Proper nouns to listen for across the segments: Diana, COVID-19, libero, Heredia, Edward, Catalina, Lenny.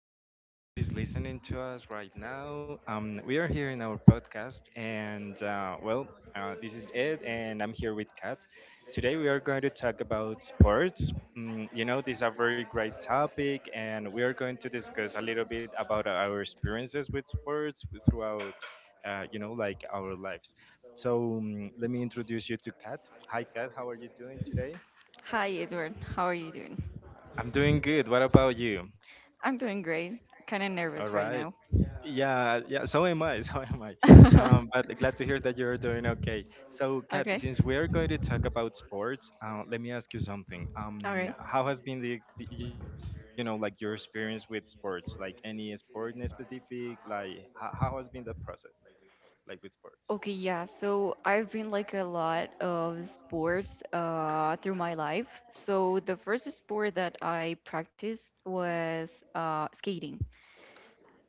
hi to everyone who is listening to us right now. We are here in our podcast, and this is Ed, and I'm here with Kat. Today, we are going to talk about sports. This is a very great topic, and we are going to discuss a little bit about our experiences with sports throughout, like our lives. So, let me introduce you to Kat. Hi, Kat, how are you doing today? Hi, Edward. How are you doing? I'm doing good. What about you? I'm doing great. Kind of All nervous right. right now. Yeah, yeah, so am I, so am I. But glad to hear that you're doing okay. So, Kat, Okay. since we're going to talk about sports, let me ask you something. All right. How has been the, ex- the- you know, like your experience with sports? Like any sport in specific? Like how has been that process, like with sports? Okay, yeah. So I've been like a lot of sports through my life. So the first sport that I practiced was skating.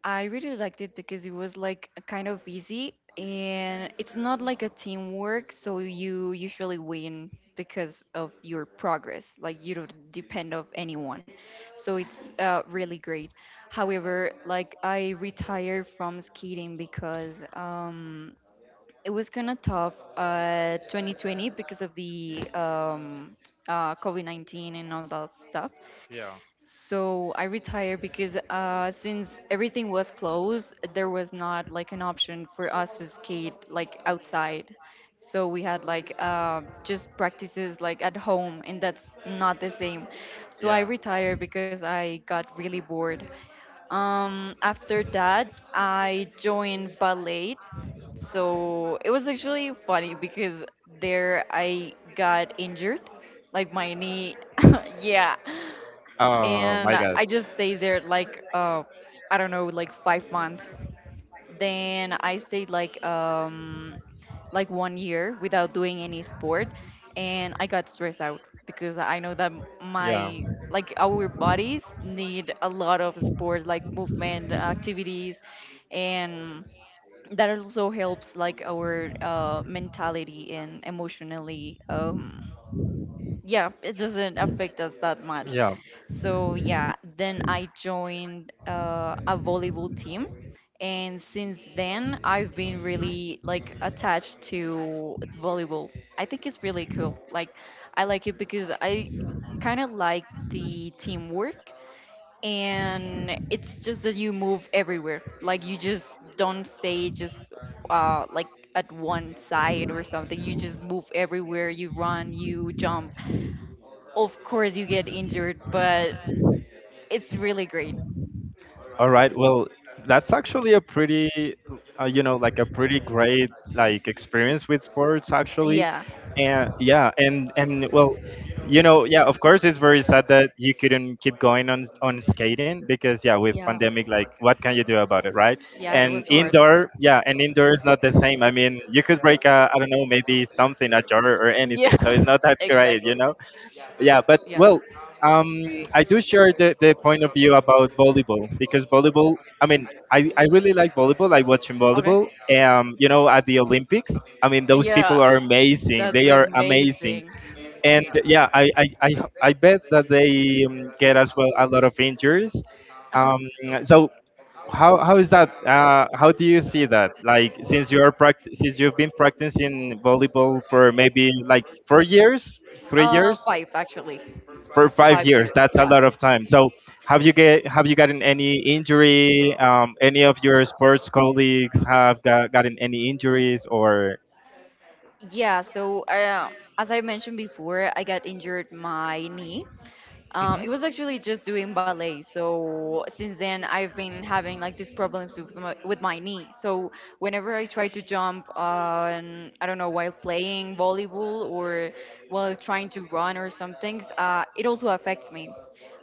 I really liked it because it was like a kind of easy and it's not like a teamwork, so you usually win because of your progress. Like you don't depend of anyone. So it's really great. However, like I retired from skating because it was kind of tough 2020 because of the COVID-19 and all that stuff. Yeah. So I retired because since everything was closed, there was not like an option for us to skate like outside. So we had like just practices like at home, and that's not the same. So Yeah. I retired because I got really bored. After that, I joined ballet. So it was actually funny because there I got injured, like my knee. Yeah, Oh my God. and I just stayed there like, I don't know, like 5 months. Then I stayed like one year without doing any sport, and I got stressed out because I know that Yeah. my like our bodies need a lot of sport, like movement activities, and that also helps like our, mentality and emotionally, yeah, it doesn't affect us that much. Yeah. So yeah, then I joined a volleyball team, and since then I've been really like attached to volleyball. I think it's really cool. Like I like it because I kind of like the teamwork, and it's just that you move everywhere, like you just don't stay just like at one side or something. You just move everywhere, you run, you jump. Of course, you get injured, but it's really great. All right. Well, that's actually a pretty, you know, like a pretty great like experience with sports actually. Yeah. And yeah, and well, you know, yeah, of course it's very sad that you couldn't keep going on skating because yeah, with Yeah. pandemic like what can you do about it, right? Yeah, it And was hard. indoor, yeah, and indoor is not the same. I mean, you could break a I don't know, maybe something a jar or Yeah, anything. So it's not that great, you exactly. know? Yeah, but Yeah. well, um I do share the point of view about volleyball because volleyball I mean I really like volleyball I watching Okay. volleyball, you know, at the Olympics. I mean those Yeah, people are amazing, that's they are amazing. amazing. And yeah, I bet that they get as well a lot of injuries. Uh-huh. um so, how is that, how do you see that? Like since you're since you've been practicing volleyball for maybe like 4 years, three years Five actually. for five Five years. years. That's a Yeah. lot of time. So have you gotten any injury? Any of your sports colleagues have gotten any injuries or? Yeah. So, as I mentioned before, I got injured my knee. Mhm. It was actually just doing ballet. So since then, I've been having like these problems with my knee. So whenever I try to jump on, I don't know, while playing volleyball or while trying to run or some things, it also affects me.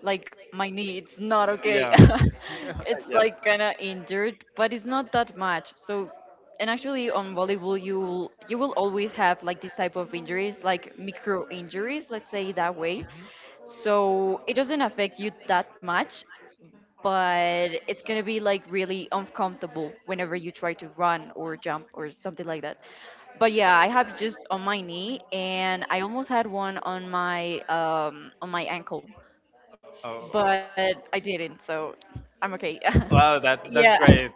Like my knee, it's not okay. Yeah. It's Yeah. like kind of injured, but it's not that much. So, and actually on volleyball, you will always have like this type of injuries, like micro injuries, let's say that way, Mhm. so it doesn't affect you that much, but it's gonna be like really uncomfortable whenever you try to run or jump or something like that. But yeah, I have just on my knee, and I almost had one on my ankle, Oh. but I didn't, so I'm okay. Wow, Yeah, that's great.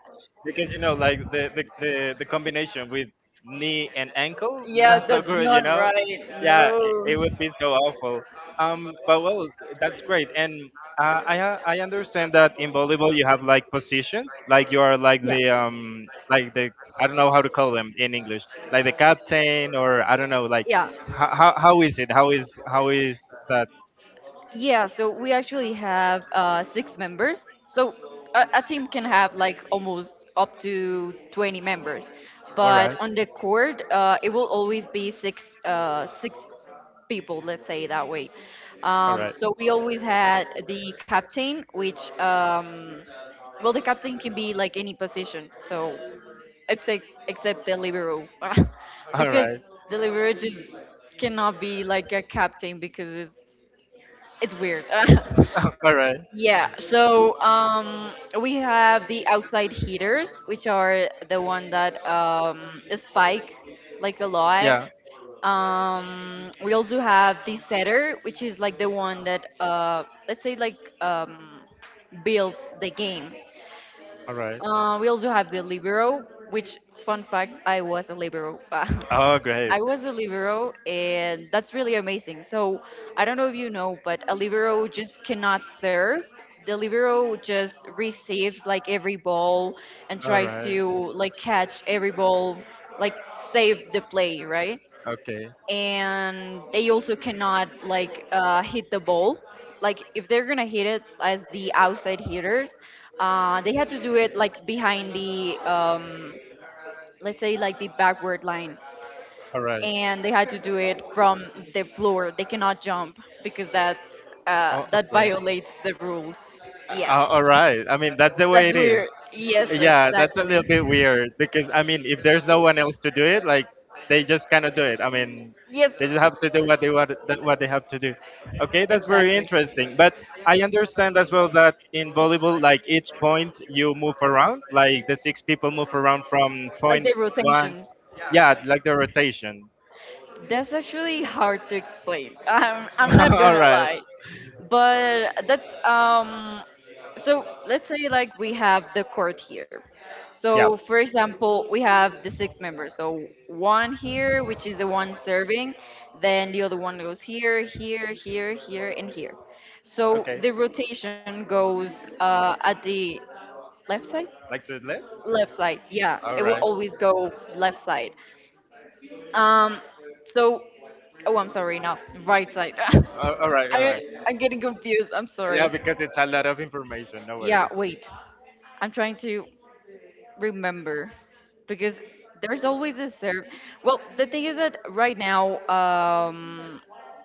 Because you know, like the combination with knee and ankle, yeah, not so that's good, you not know? right. Yeah, it No. would be so awful. But well, that's great. And I understand that in volleyball you have like positions, like you are like Yeah, the I don't know how to call them in English, like the captain or I don't know, like yeah. How is it? How is that? Yeah, so we actually have six members. So a team can have like almost up to 20 members, All but right, on the court, it will always be six people. Let's say that way. all right. So we always had the captain, which, well, the captain can be like any position. So, except the libero, All because right. the libero just cannot be like a captain because it's weird. All right. Yeah, so, we have the outside heaters, which are the one that, spike like a lot. Yeah. We also have the setter, which is like the one that, let's say like, builds the game. All right. We also have the libero, which, fun fact, I was a libero. Oh, great. I was a libero, and that's really amazing. So I don't know if you know, but a libero just cannot serve. The libero just receives like every ball and All tries right. to like catch every ball, like save the play, right? Okay. And they also cannot like, hit the ball. Like if they're gonna hit it as the outside hitters, they had to do it like behind the, let's say like, the backward line, All right. and they had to do it from the floor. They cannot jump because Oh, that okay. violates the rules. Yeah. All right. I mean, that's the way That's it is. weird. Yes, Yeah, that's a little exactly. bit weird because I mean, if there's no one else to do it, like they just cannot do it. I mean, Yes, they just have to do what they what they have to do. Okay, that's very exactly. interesting. But I understand as well that in volleyball, like each point you move around, like the six people move around from Like point the one. rotations. Yeah, like the rotation. That's actually hard to explain. I'm not All gonna right. lie, but that's. So let's say like we have the court here. Yeah. So for example, we have the six members. So one here, which is the one serving, then the other one goes here, here, here, here, and here. So Okay. the rotation goes, at the left side. Like to the left? Left side, yeah, it All will right. always go left side. Um, so, oh, I'm sorry, not right side. All right. All I, right. I'm getting confused. I'm Yeah, sorry. because it's a lot of information. No Yeah, worries. wait. I'm trying to remember because there's always a serve. Well, the thing is that right now,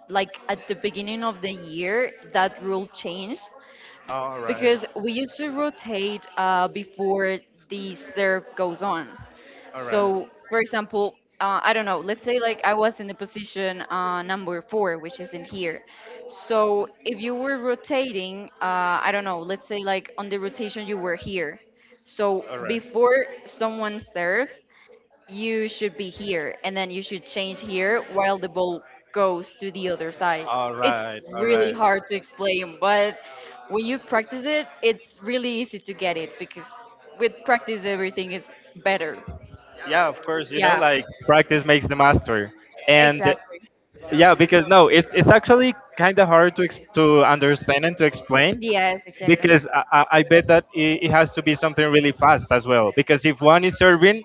like at the beginning of the year, that rule changed because we used to rotate before the serve goes on. So, for example, I don't know, let's say like I was in the position, number 4, which is in here. So, if you were rotating, I don't know, let's say like on the rotation you were here. So before someone serves, you should be here and then you should change here while the ball goes to the other side. All It's right, all really right. hard to explain, but when you practice it, it's really easy to get it because with practice, everything is better. Yeah, of course, you know, Yeah, like practice makes the master. And exactly. yeah, because no, it's actually kind of hard to to understand and to explain Yes, exactly. because I bet that it has to be something really fast as well. Because if one is serving,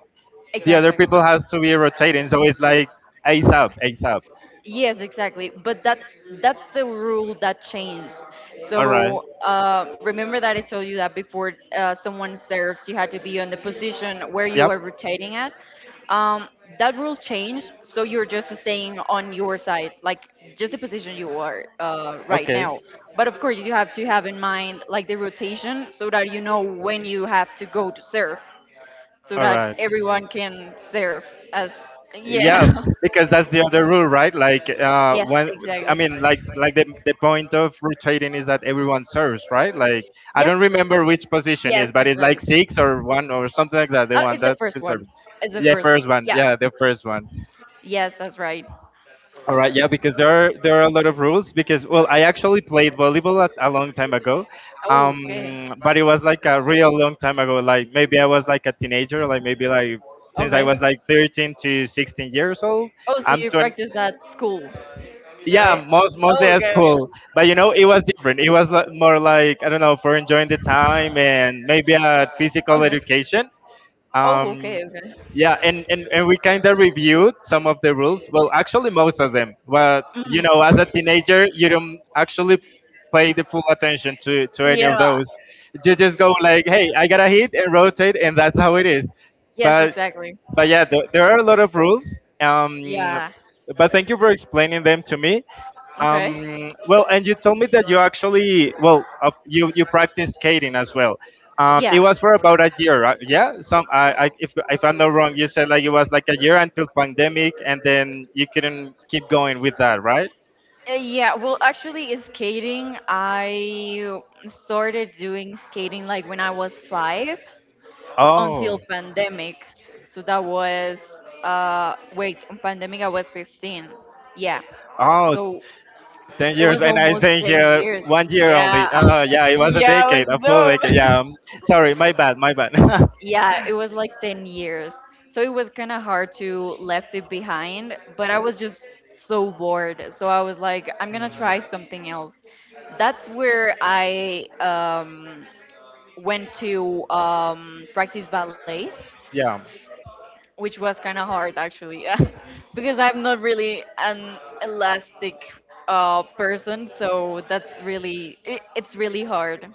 the other Exactly. people has to be rotating, so it's like ace up, ace up. Yes, exactly. But that's the rule that changed. All right. So, remember that I told you that before, someone serves, you had to be on the position where you are Yep. rotating at. Um, that rule changed, so you're just staying on your side, like just the position you are, right Okay. now. But of course, you have to have in mind like the rotation, so that you know when you have to go to serve, so All that right. everyone can serve as Yeah, yeah. because that's the other rule, right? Like uh Yes, when i exactly. mean like the point of rotating is that everyone serves, right? Like I Yes, don't remember which position Yes, is, but it's exactly. like six or one or something like that, the Oh, one it's the that first serves. one. It's the Yeah, first. first one, Yeah. yeah, the first one. Yes, that's right. All right. Yeah, because there are a lot of rules because well I actually played volleyball at, a long time ago. Oh, okay. um but it was like a real long time ago, like maybe I was like a teenager, like maybe like since I Okay. was like 13 to 16 years old. Oh, so I'm you 20, practice at school, yeah, right? Mostly Oh, at okay, okay. school. But you know, it was different, it was more like I don't know, for enjoying the time and maybe a Okay. physical education. Oh, um okay, okay. yeah, and and we kind of reviewed some of the rules, well actually most of them, but you know, Hmm. as a teenager you don't actually pay the full attention to any of Yeah. those. You just go like, hey, I gotta hit and rotate, and that's how it is. Yes, But exactly. Yeah, there are a lot of rules. Um, Yeah. but thank you for explaining them to me. Okay. Well, and you told me that you actually, well, of you practice skating as well. It Yeah. was for about a year, right? Yeah. Some, if I'm not wrong, you said like it was like a year until pandemic, and then you couldn't keep going with that, right? Yeah. Well, actually, skating, I started doing skating like when I was 5. Oh. Until pandemic. So that was wait, on pandemic I was 15. Yeah. Oh, So ten it years was And I almost think 10 here years. one year only. Yeah. Oh yeah, it was a Yeah, it was decade, a full decade, dumb. yeah. Sorry, my bad, my bad. Yeah, it was like 10 years. So it was kind of hard to left it behind, but I was just so bored. So I was like I'm going to Mhm. try something else. That's where I went to practice ballet, which was kind of hard actually. Because I'm Yeah. not really an elastic, person, so that's really it. It's really hard.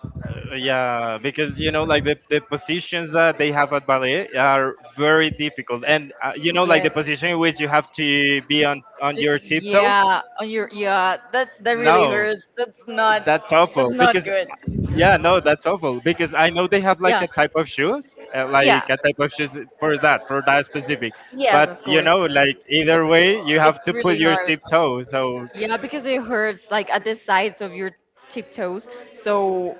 Yeah, because you know, like the positions that they have at ballet are very difficult, and you know, like the Yes. position in which you have to be on your tiptoe. Yeah, on your, yeah, that really No, hurts. that's not that's that's awful not because good. yeah, no, that's awful because I know they have like Yeah, a type of shoes, like yeah, a type of shoes for that, for that specific. yes, But of you course. know, like either way, you have It's to put really your hard. tiptoe, so Yeah, because it hurts like at the sides of your tiptoes. So,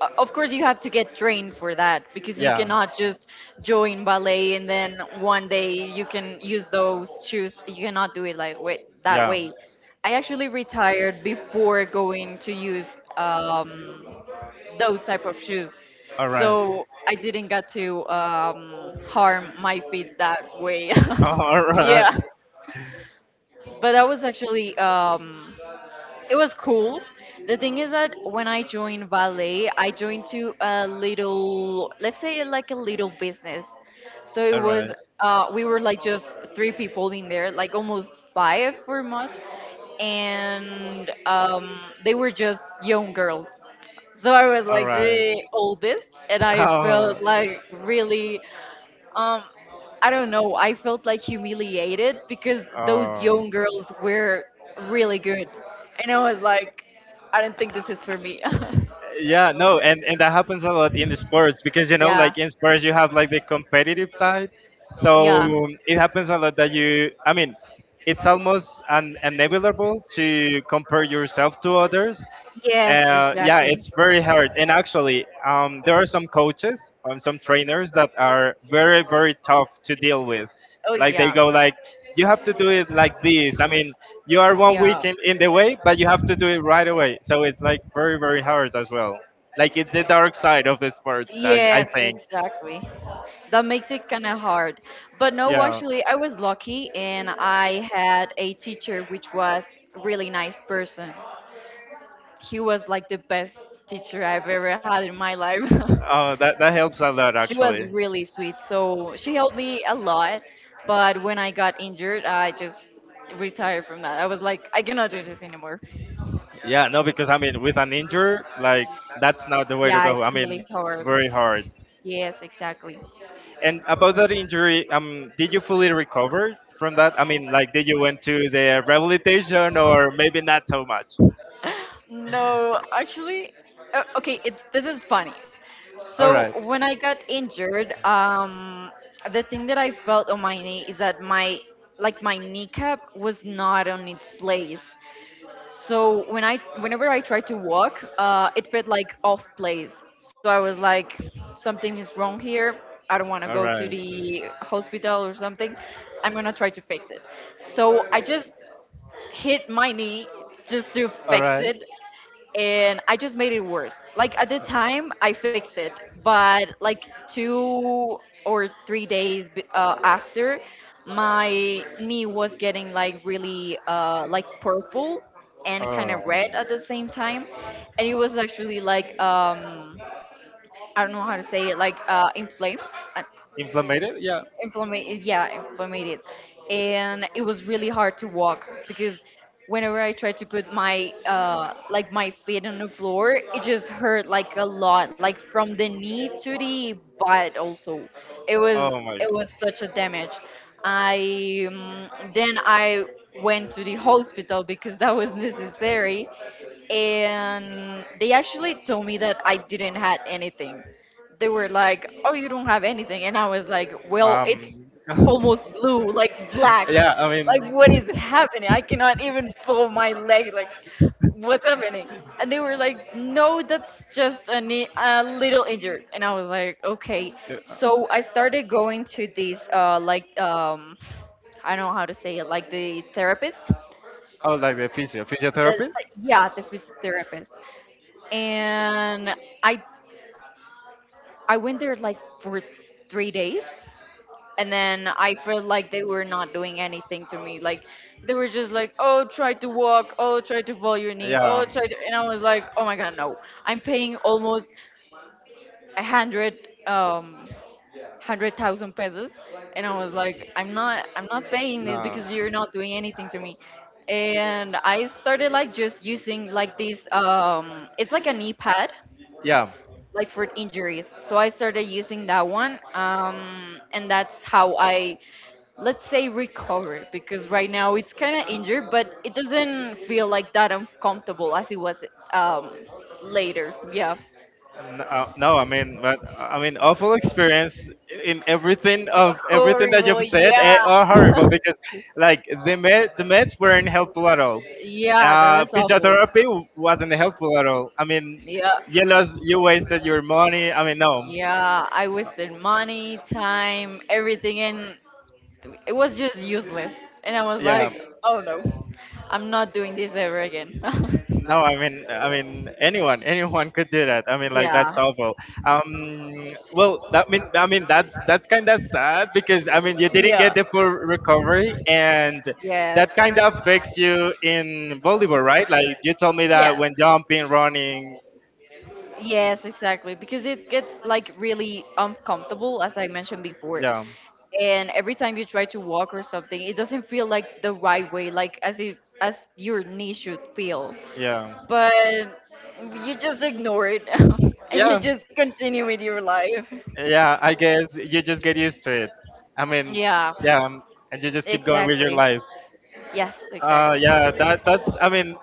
of course, you have to get trained for that because you Yeah. cannot just join ballet and then one day you can use those shoes. You cannot do it like, wait, that Yeah. way. I actually retired before going to use, those type of shoes, All right. so I didn't get to, harm my feet that way. All right. Yeah, but that was actually. It was cool. The thing is that when I joined ballet, I joined to a little, let's say like a little business. So All right. We were like just three people in there, like almost five for much, and, they were just young girls. So I was All like right. the oldest, and I felt Oh, like really. Um, I don't know. I felt like humiliated because those oh. young girls were really good, and I was like, I don't think this is for me. Yeah, no, and that happens a lot in the sports because you know, Yeah, like in sports, you have like the competitive side. So yeah, it happens a lot that you, I mean, it's almost inevitable to compare yourself to others. yes, Yeah, exactly. it's very hard. And actually, there are some coaches, and some trainers that are very, very tough to deal with. Oh Like they yeah, go like, you have to do it like this. I mean, you are one yeah, week in the way, but you have to do it right away. So it's like very, very hard as well. Like it's the dark side of the sports, I yes, think. exactly. That makes it kind of hard. But no, Yeah. actually, I was lucky, and I had a teacher which was really nice person. He was like the best teacher I've ever had in my life. Oh, that that helps a lot She was actually. really sweet. So she helped me a lot. But when I got injured, I just retired from that. I was like, I cannot do this anymore. Yeah, no, because I mean, with an injury, like that's not the way to Yeah, go. I it's really mean, hard. very hard. Yes, exactly. And about that injury, did you fully recover from that? I mean, like, did you went to the rehabilitation or maybe not so much? No, actually, okay, this is funny. All So right. when I got injured, the thing that I felt on my knee is that my kneecap was not on its place. So whenever I tried to walk, it felt like off place. So I was like, something is wrong here. I don't want to All go to right. the hospital or something. I'm gonna try to fix it. So I just hit my knee just to All fix right. it, and I just made it worse. Like at the time, I fixed it, but like 2 or 3 days after, my knee was getting like really like purple and kind Oh. of red at the same time, and it was actually like I don't know how to say it, like inflamed. uh, Inflamed? Yeah. Inflamed, yeah, inflamed. And it was really hard to walk because whenever I tried to put my like my feet on the floor, it just hurt like a lot, like from the knee to the butt also. it was Oh my it was god. such a damage. I um, then i went to the hospital because that was necessary, and they actually told me that I didn't had anything. They were like, "Oh, you don't have anything," and I was like, "Well, Um it's almost blue, like black. yeah, I Like mean what is happening? I cannot even fold my leg. Like what's happening?" And they were like, "No, that's just a little injured." And I was like, "Okay." yeah, no. So I started going to these, like, I don't know how to say it, like the therapist. Oh, like the physio, The, physiotherapist? yeah, the physiotherapist, and I I went there like for 3 days, and then I felt like they were not doing anything to me. Like they were just like, "Oh, try to walk. Oh, try to roll your knee. Oh, Yeah. try to." And I was like, "Oh my God, no! I'm paying almost a hundred, um, 100,000 pesos," and I was like, "I'm not paying this No. because you're not doing anything to me." And I started like just using like this. It's like an e-pad Yeah. like for injuries. So I started using that one, and that's how I, let's say, recover, because right now it's kind of injured, but it doesn't feel like that uncomfortable as it was um, later. Yeah. No, no, I mean, but I mean, awful experience in everything of everything that Horrible, you've said yeah. eh, are horrible because, like, the meds weren't helpful at all. Yeah, that was awful. Physiotherapy wasn't helpful at all. I mean, Yeah, you wasted your money. I mean, no, yeah, I wasted money, time, everything, and it was just useless. And I was yeah. like, oh no, I'm not doing this ever again. No, I mean, anyone could do that. I mean, like that's Yeah. awful. Well, that mean, I mean, that's kind of sad because I mean, you Yeah. didn't get the full recovery, and Yes. that kind of affects you in volleyball, right? Like you told me Yeah. that when jumping, running, Yes, exactly. Because it gets like really uncomfortable, as I mentioned before. yeah, And every time you try to walk or something, it doesn't feel like the right way, like as your knee should feel. yeah, But you just ignore it and you yeah, just continue with your life. yeah. I guess you just get used to it. I mean, Yeah, yeah, and you just keep going with your exactly. life. Yes, exactly. Yeah, that that's. I mean,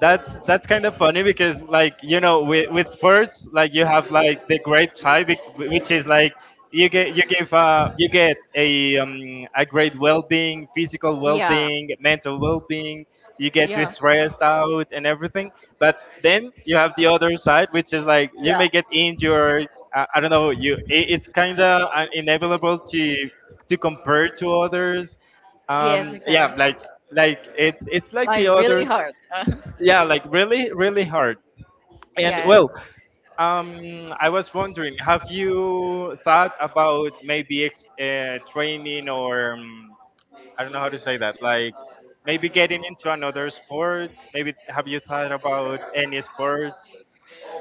that's kind of funny because like you know with sports like you have like the great tie which is like you get you give you get a great well-being, physical Yeah. well-being, mental well-being, you get to Yeah. stressed out and everything. But then you have the other side which is like you Yeah. may get injured, I don't know, you it, it's kind of inevitable to compare to others. Yes, Yeah, exactly. Like it's like the Like really others, hard. yeah, like really really hard. And Yes. well, um I was wondering, have you thought about maybe training or I don't know how to say that, like maybe getting into another sport? Maybe have you thought about any sports?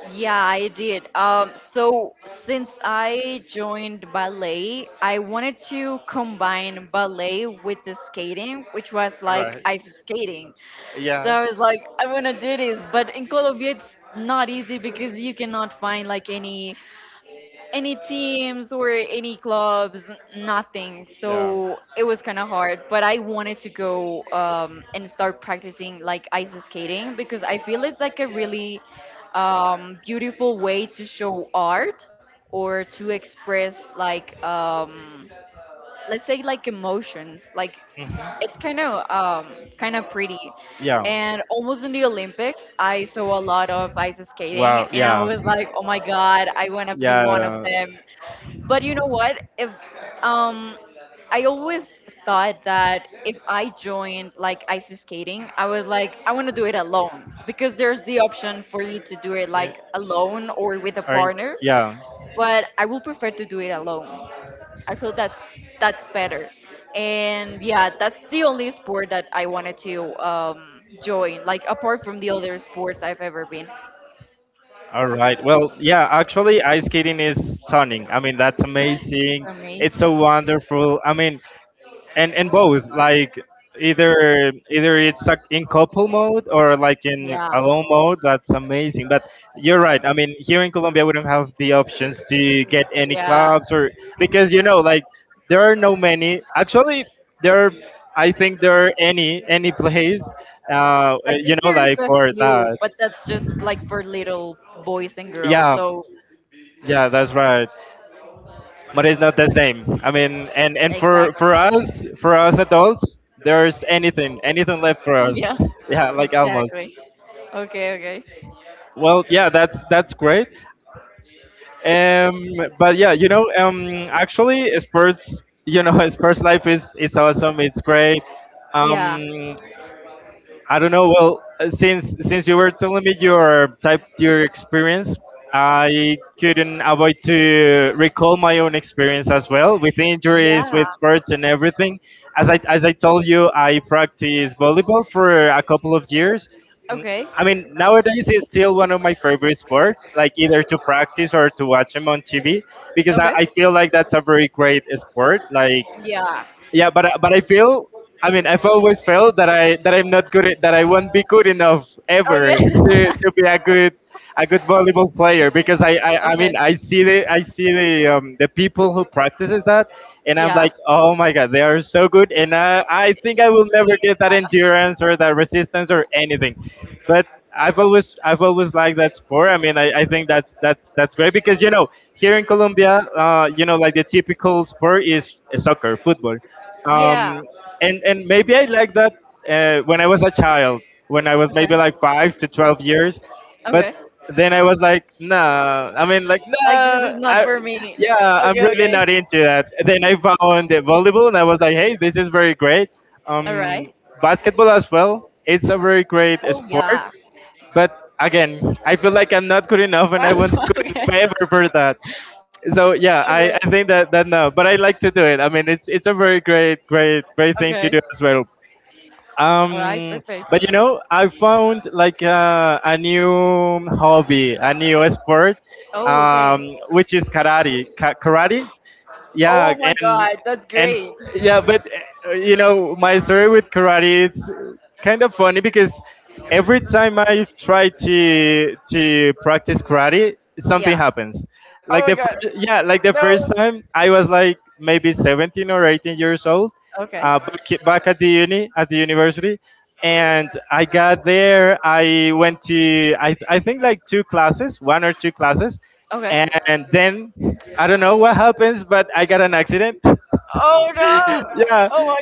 Yeah, I did. So since I joined ballet, I wanted to combine ballet with the skating, which was Right. like ice skating. So Yeah. I was like, I want to do this, but in Colombia it's not easy because you cannot find like any teams or any clubs, nothing. Yeah. So it was kind of hard, but I wanted to go and start practicing like ice skating, because I feel it's like a really beautiful way to show art or to express, like, let's say, like, emotions. Like, Hmm. it's kind of pretty. Yeah. And almost in the Olympics I saw a lot of ice skating, Wow. and I Yeah. was like, oh my God, I want to be one of Yeah. them. But you know what? If um, I always thought that if I joined like ice skating, I was like, I want to do it alone, because there's the option for you to do it Yeah, like alone or with a aren't partner. yeah. But I would prefer to do it alone. I feel that's better. And yeah, that's the only sport that I wanted to join. Like apart from the other sports I've ever been, All right. Well, yeah, actually, ice skating is stunning. I mean, that's it's amazing. It's so amazing. wonderful. I mean, and both, like, either it's like in couple mode or like in Yeah, alone mode, that's amazing. But you're right, I mean, here in Colombia we don't have the options to get any yeah. clubs, or, because like, there are no many actually. There are, I think there are any place, I think there's a for few, that. but that's just like for little boys and girls. Yeah, So, yeah, that's right. But it's not the same, I mean, and for exactly. for us for us adults there's anything left for us. Yeah, Yeah, like almost. exactly. Okay, okay. Well, yeah, that's great. Um, but yeah, actually, Spurs, Spurs life is awesome. It's great. Yeah, Um, I don't know. Well, since you were telling me your experience, I couldn't avoid to recall my own experience as well with injuries, yeah. with sports, and everything. As Okay, I as I told you, I practiced volleyball for a couple of years. Mm, okay, I mean, nowadays it's still one of my favorite sports, like either to practice or to watch them on TV, because okay. I feel like that's a very great sport. Like. Yeah. Yeah, but but I feel, I mean, I've always felt that I'm not good at, that I won't be good enough ever Okay. to be a good volleyball player, because I mean okay. I see the people who practices that, and I'm Yeah. like, oh my god, they are so good, and I think I will never get that Yeah. endurance or that resistance or anything. But I've always liked that sport. I mean, I think that's great. Because, here in Colombia, like, the typical sport is soccer, football. um, Yeah. and maybe I like that when I was a child, when I was Okay. maybe like 5 to 12 years. But Okay. then I was like, nah. I mean, like, Like this nah. is not for me. Yeah, Okay, I'm really okay. not into that. Then I found the volleyball, and I was like, hey, this is very great. All Um, right. Basketball as well. It's a very great Oh sport, yeah. but again, I feel like I'm not good enough, and I won't be good okay. enough ever for that. So yeah, Okay. I think that no, but I like to do it. I mean, it's a very great great great thing to Okay. do as well. All right. um Perfect. but I found, like, a new hobby, a new sport, Oh, okay. Which is karate. Karate. Oh Yeah, my god, and that's and great. yeah, but my story with karate, it's kind of funny because every time I try to practice karate, something Yeah. happens. Oh. Yeah, like the first time I was like maybe 17 or 18 years old, Okay. Back at the university. And I got there, I went to, I think, like two classes, one or two classes. Okay. And then I don't know what happens, but I got an accident. Yeah, I, My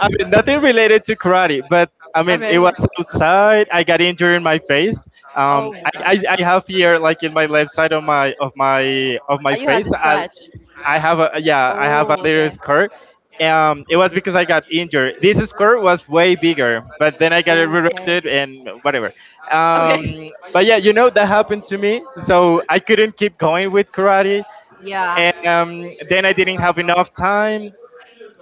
I mean, nothing related to karate, but I mean Okay. it was Okay. outside. I got injured in my face. Oh my I, God. I, I have here, like, in my left side of Oh, my you had to face. Scratch. I have a Yeah, I have a Oh, little okay. scar. It was because I got injured. This scar was way bigger, but then I got it Oh, okay. redirected and whatever. Okay. But yeah, you know that happened to me, so I couldn't keep going with karate, Yeah. and then I didn't have enough time.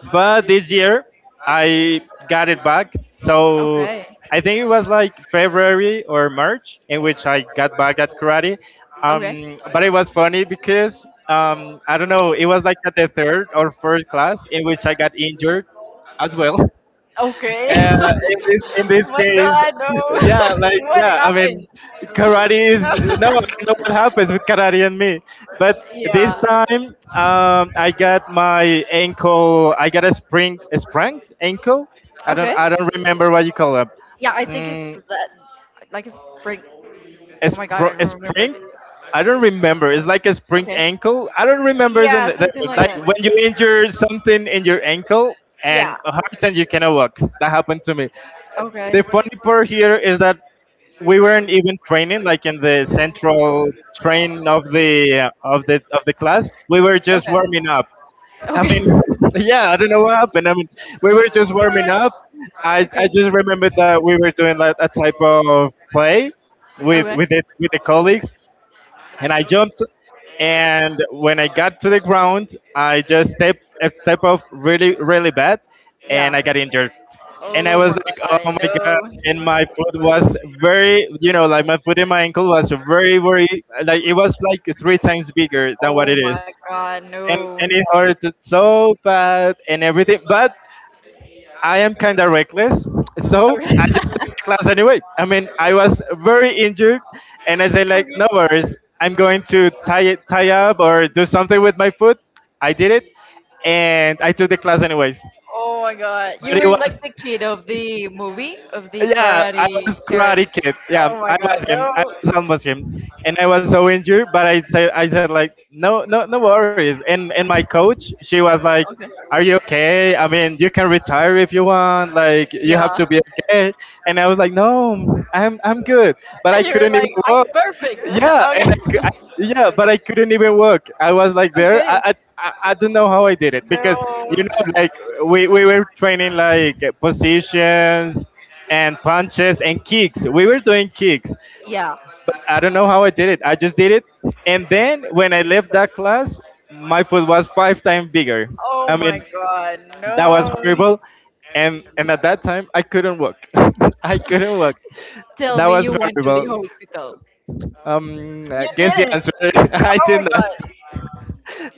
But this year, I got it back. So Okay. I think it was like February or March in which I got back at karate. Okay. But it was funny because, I don't know, it was like at the third or fourth class in which I got injured as well. Okay. In oh this my case, god, no. yeah, like, what yeah, I happened? mean, karate is, no, I don't know what happens with karate and me. But this yeah. time, I got my ankle, I got a spring, a sprained ankle. I don't, Okay. I don't remember what you call it. Yeah, I think it's Mm, that. Like it's break. Oh my god, I don't a remember it. spring. I don't remember. It's like a sprained Okay. ankle. I don't remember Yeah, something the like like, that. when you injure something in your ankle and Yeah. hurts and you cannot walk. That happened to me. Okay. The funny part here is that we weren't even training, like, in the central train of the of the class. We were just Okay. warming up, I Okay. mean. Yeah, I don't know what happened. I mean, we were just warming up. I Okay. just remembered that we were doing like a type of play Okay. With the colleagues. And I jumped, and when I got to the ground, I just step off really really bad, and Yeah. I got injured. And I Oh was my like, oh god, my god! no. And my foot was very, like, my foot and my ankle was very, very, like it was like three times bigger than what it Oh is. my god, and no. and it hurt so bad and everything. But I am kind of reckless, so Okay. I just took the class anyway. I mean, I was very injured, and I said like, no worries, I'm going to tie it, tie up or do something with my foot. I did it, and I took the class anyways. Oh my god. You But it were like was the kid of the movie of the Yeah, I karate was karate karate. kid. Yeah, Oh I my was god, him. I no. was almost him, and I was so injured. But I said like, no, no, no worries. And my coach, she was like, Okay. "Are you okay? I mean, you can retire if you want. Like, you have Yeah. to be okay." And I was like, "No, I'm good." But I And you were couldn't even like, walk. I'm perfect. Yeah, and I, cou- I okay. yeah, but I couldn't even walk. I was like there. I, Okay. I I I don't know how I did it because, No. Like, we were training, like, positions and punches and kicks. We were doing kicks. Yeah. I don't know how I did it. I just did it. And then when I left that class, my foot was five times bigger. Oh I my mean, god, that was no. horrible. And at that time, I couldn't walk. I couldn't walk. Tell That me was you went to the horrible. hospital. You I guess the didn't. answer, Oh my god.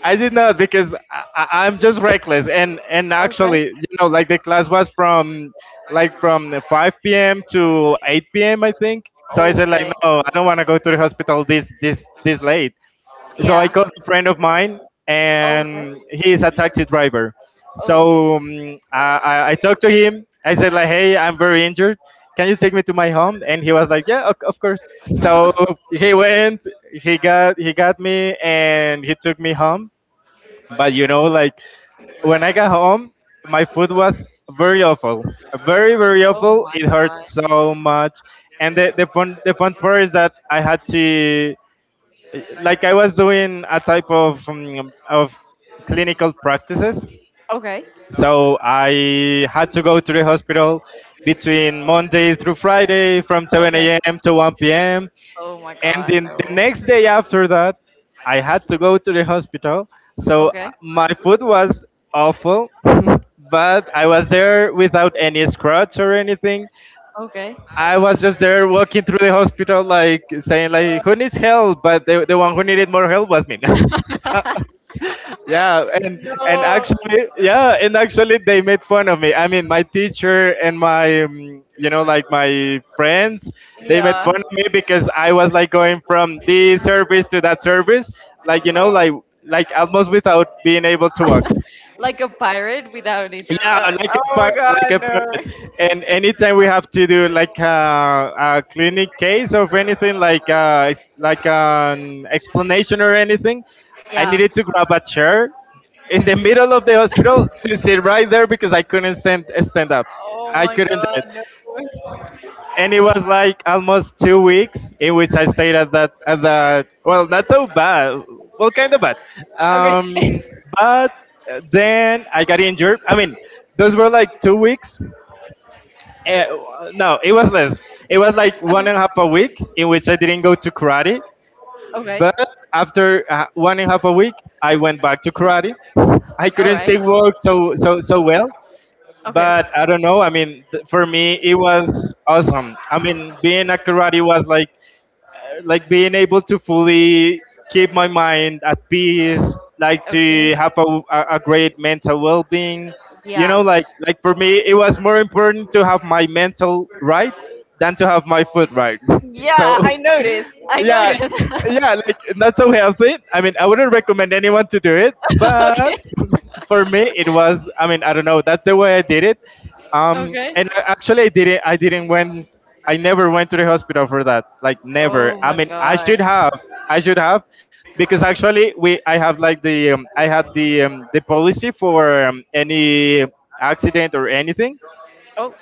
I did not. Because, I'm just reckless. And Okay. actually, like, the class was from the 5 p.m. to 8 p.m. I think. So I Oh, said like, okay. no, I don't want to go to the hospital this late. So I Yeah. called a friend of mine, Oh, okay. and he is a taxi driver. Oh, So, I talked to him. I said like, hey, I'm very injured. Can you take me to my home? And he was like, yeah, of course. So okay. he went. He got me and he took me home. But, like, when I got home, my food was very awful, very very Oh awful. my It hurt god. so much, and the fun part is that I had to, like, I was doing a type of clinical practices, Okay. so I had to go to the hospital between Monday through Friday from Okay. 7 a.m. to 1 p.m., Oh my and god, then no. the next day after that I had to go to the hospital. So, Okay. my foot was awful. But I was there without any scratch or anything. Okay. I was just there walking through the hospital, like, saying like, who needs help? But the one who needed more help was me. Yeah, and actually yeah and actually they made fun of me. I mean, my teacher and my you know like my friends, they made Yeah. fun of me because I was like going from this service to that service, like you know like No. like almost without being able to walk. like a pirate without it. Yeah, I like a know. part. And anytime we have to do like a clinic case or anything, like an explanation or anything, I Yeah. needed to grab a chair in the middle of the hospital to sit right there because I couldn't stand up. Oh I my couldn't god, do it, no. and it was like almost 2 weeks in which I stayed at that. Well, not so bad. Well, kind of bad. Okay. Um, but then I got injured. I mean, those were like 2 weeks. Uh, no, it was less. It was like Okay. one and a half a week in which I didn't go to karate. Okay. But after one and a half a week, I went back to karate. I All right. couldn't still walk so so so well, Okay. but I don't know. I mean, for me, it was awesome. I mean, being a karate was like being able to fully keep my mind at peace, like Okay. to have a great mental well being. You Yeah. know, like like for me, it was more important to have my mental right than to have my food right. Yeah, So, I noticed. I yeah, noticed. yeah, like not so healthy. I mean, I wouldn't recommend anyone to do it, okay. but for me it was, I don't know, that's the way I did it. Okay. Actually, I didn't went, I never went to the hospital for that, like never. Oh I my mean, I should god. have, I should have, because actually we I have like the I had the policy for any accident or anything. Oh,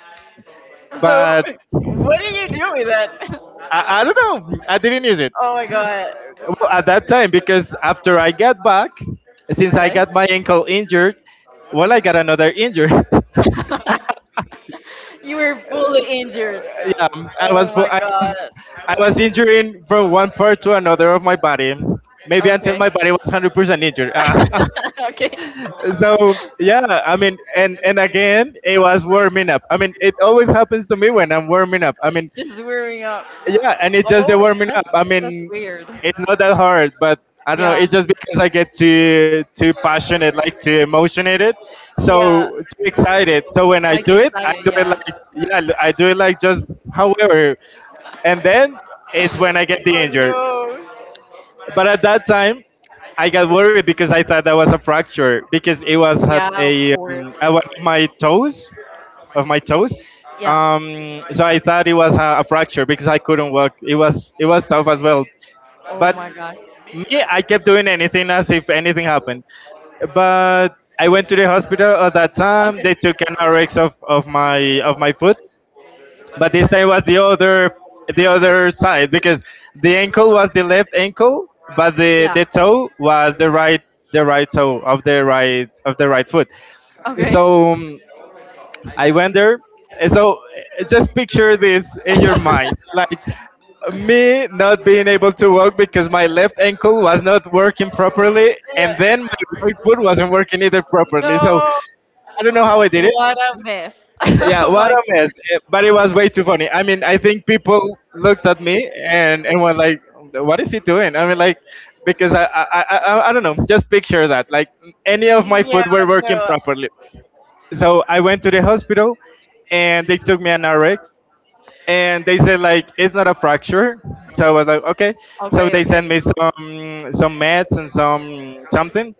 so But what do you do with that? I don't know, I didn't use it. Oh my god. Well, at that time, because after I got back, since I Okay. got my ankle injured, well, I got another injury. you were fully injured. Yeah, I was I was, God. I was injuring from one part to another of my body, maybe until Okay. my body was 100% injured. Ah. okay. So yeah, I mean, and again, it was warming up. I mean, it always happens to me when I'm warming up. I mean, Just wearing up. yeah, and it's just the Oh, warming up. I that's mean, weird. it's not that hard, but I don't know. Yeah. It's just because I get too passionate, like too emotionated, so too excited. So when Like I excited. do it Yeah. like, yeah, I do it like just however, and then it's when I get the injured. But at that time, I got worried because I thought that was a fracture because it was at Yeah, of a course. At one of my toes of my toes. Yeah. So I thought it was a fracture because I couldn't walk. It was, it was tough as well. Oh But my god. me, I kept doing anything as if anything happened. But I went to the hospital at that time. Okay. They took an RX of, of my foot, but this time was the other side, because the ankle was the left ankle, but the, Yeah. the toe was the the right toe of the right foot. Okay. So I went there. So just picture this in your mind, like me not being able to walk because my left ankle was not working properly, and Yeah. then my right foot wasn't working either properly. No. So I don't know how I did it. What a mess. Yeah, oh what my a god. mess! Eh, but it was way too funny. I mean, I think people looked at me and were like, "What is he doing?" I mean, like, because I don't know. Just picture that, like any of my foot were working properly. So I went to the hospital, and they took me an RX, and they said like it's not a fracture. So I was like, okay. So Okay, they sent okay. me some meds and some something.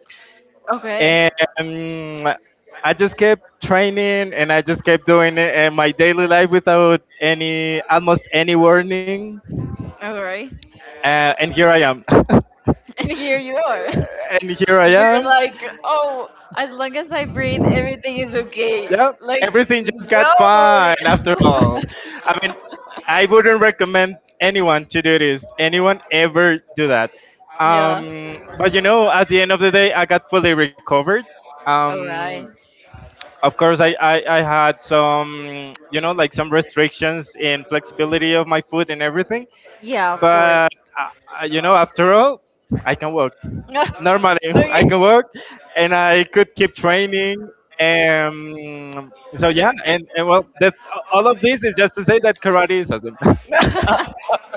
Okay. And um, I just kept training, and I just kept doing it in my daily life without any, almost any warning. All right. And here I am. And here you are. And here I You're am. like, oh, as long as I breathe, everything is okay. Yep, Like, everything just got no. fine after all. I mean, I wouldn't recommend anyone to do this. Anyone ever do that? Yeah. But you know, at the end of the day, I got fully recovered. All right. Um, of course, I had some, you know, like some restrictions in flexibility of my food and everything. Yeah, of course. But, uh, you know, after all, I can walk normally. okay. I can work and I could keep training. And so yeah, and well, that all of this is just to say that karate is awesome.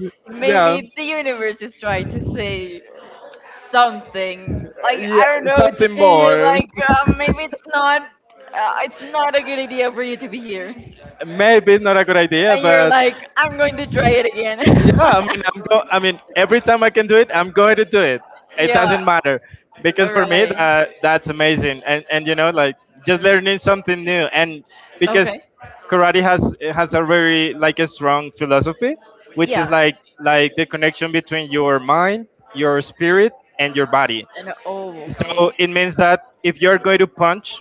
Yeah, Maybe the universe is trying to say something. Like yeah, I don't know to something tell you. more. Like, maybe it's not. It's not a good idea for you to be here. Maybe it's not a good idea, And you're but like, I'm going to try it again. yeah, I mean, I'm go. I mean, every time I can do it, I'm going to do it. It yeah. doesn't matter because All for me right. that, that's amazing, and you know, like just learning something new. And because Okay. karate has a very, like, a strong philosophy, which is Yeah. like, the connection between your mind, your spirit and your body. And oh, okay. So it means that if you're going to punch,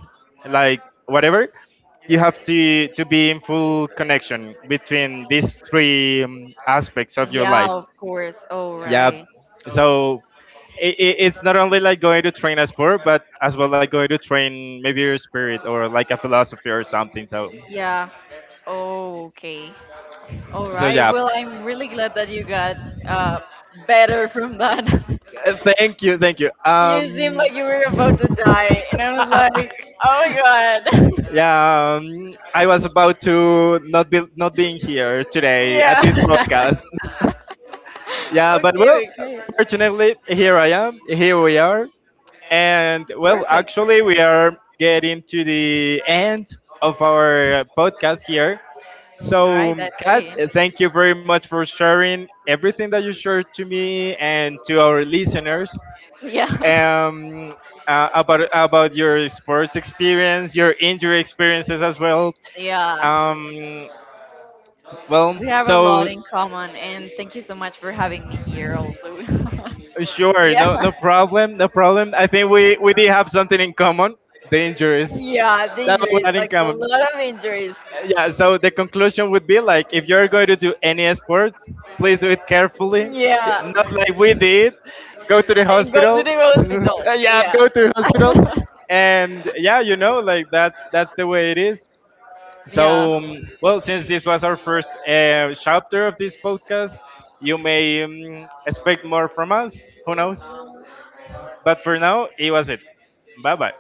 like, whatever, you have to be in full connection between these three aspects of your Yeah, life. of course. All Yeah, right. so it, it's not only like going to train a sport, but as well like going to train maybe your spirit or like a philosophy or something. So Yeah. Oh, okay. All so right. yeah. Well, I'm really glad that you got uh, better from that. Thank you, thank you. you seemed like you were about to die, and I was like, oh my god. Yeah, I was about to not be, not being here today at this yeah. podcast. Yeah, but well, okay, okay. fortunately, here I am. Here we are, and well, Perfect. actually, we are getting to the end of our podcast here. All right, So, that's Kat, great. Thank you very much for sharing everything that you shared to me and to our listeners. Yeah. um, about your sports experience, your injury experiences as well. Yeah. Um, well, We have a lot so in common, and thank you so much for having me here, also. sure, yeah. No problem, no problem. I think we did have something in common, the injuries. Yeah, the That's what injuries, we had in like a common. lot of injuries. Yeah. So the conclusion would be like, if you're going to do any sports, please do it carefully, Yeah. not like we did. Go to the And go to the hospital. hospital. Yeah. Yeah, go to the hospital, and yeah, you know, like that's the way it is. yeah. So, well, since this was our first chapter of this podcast, you may expect more from us. Who knows? But for now, it was it. Bye bye.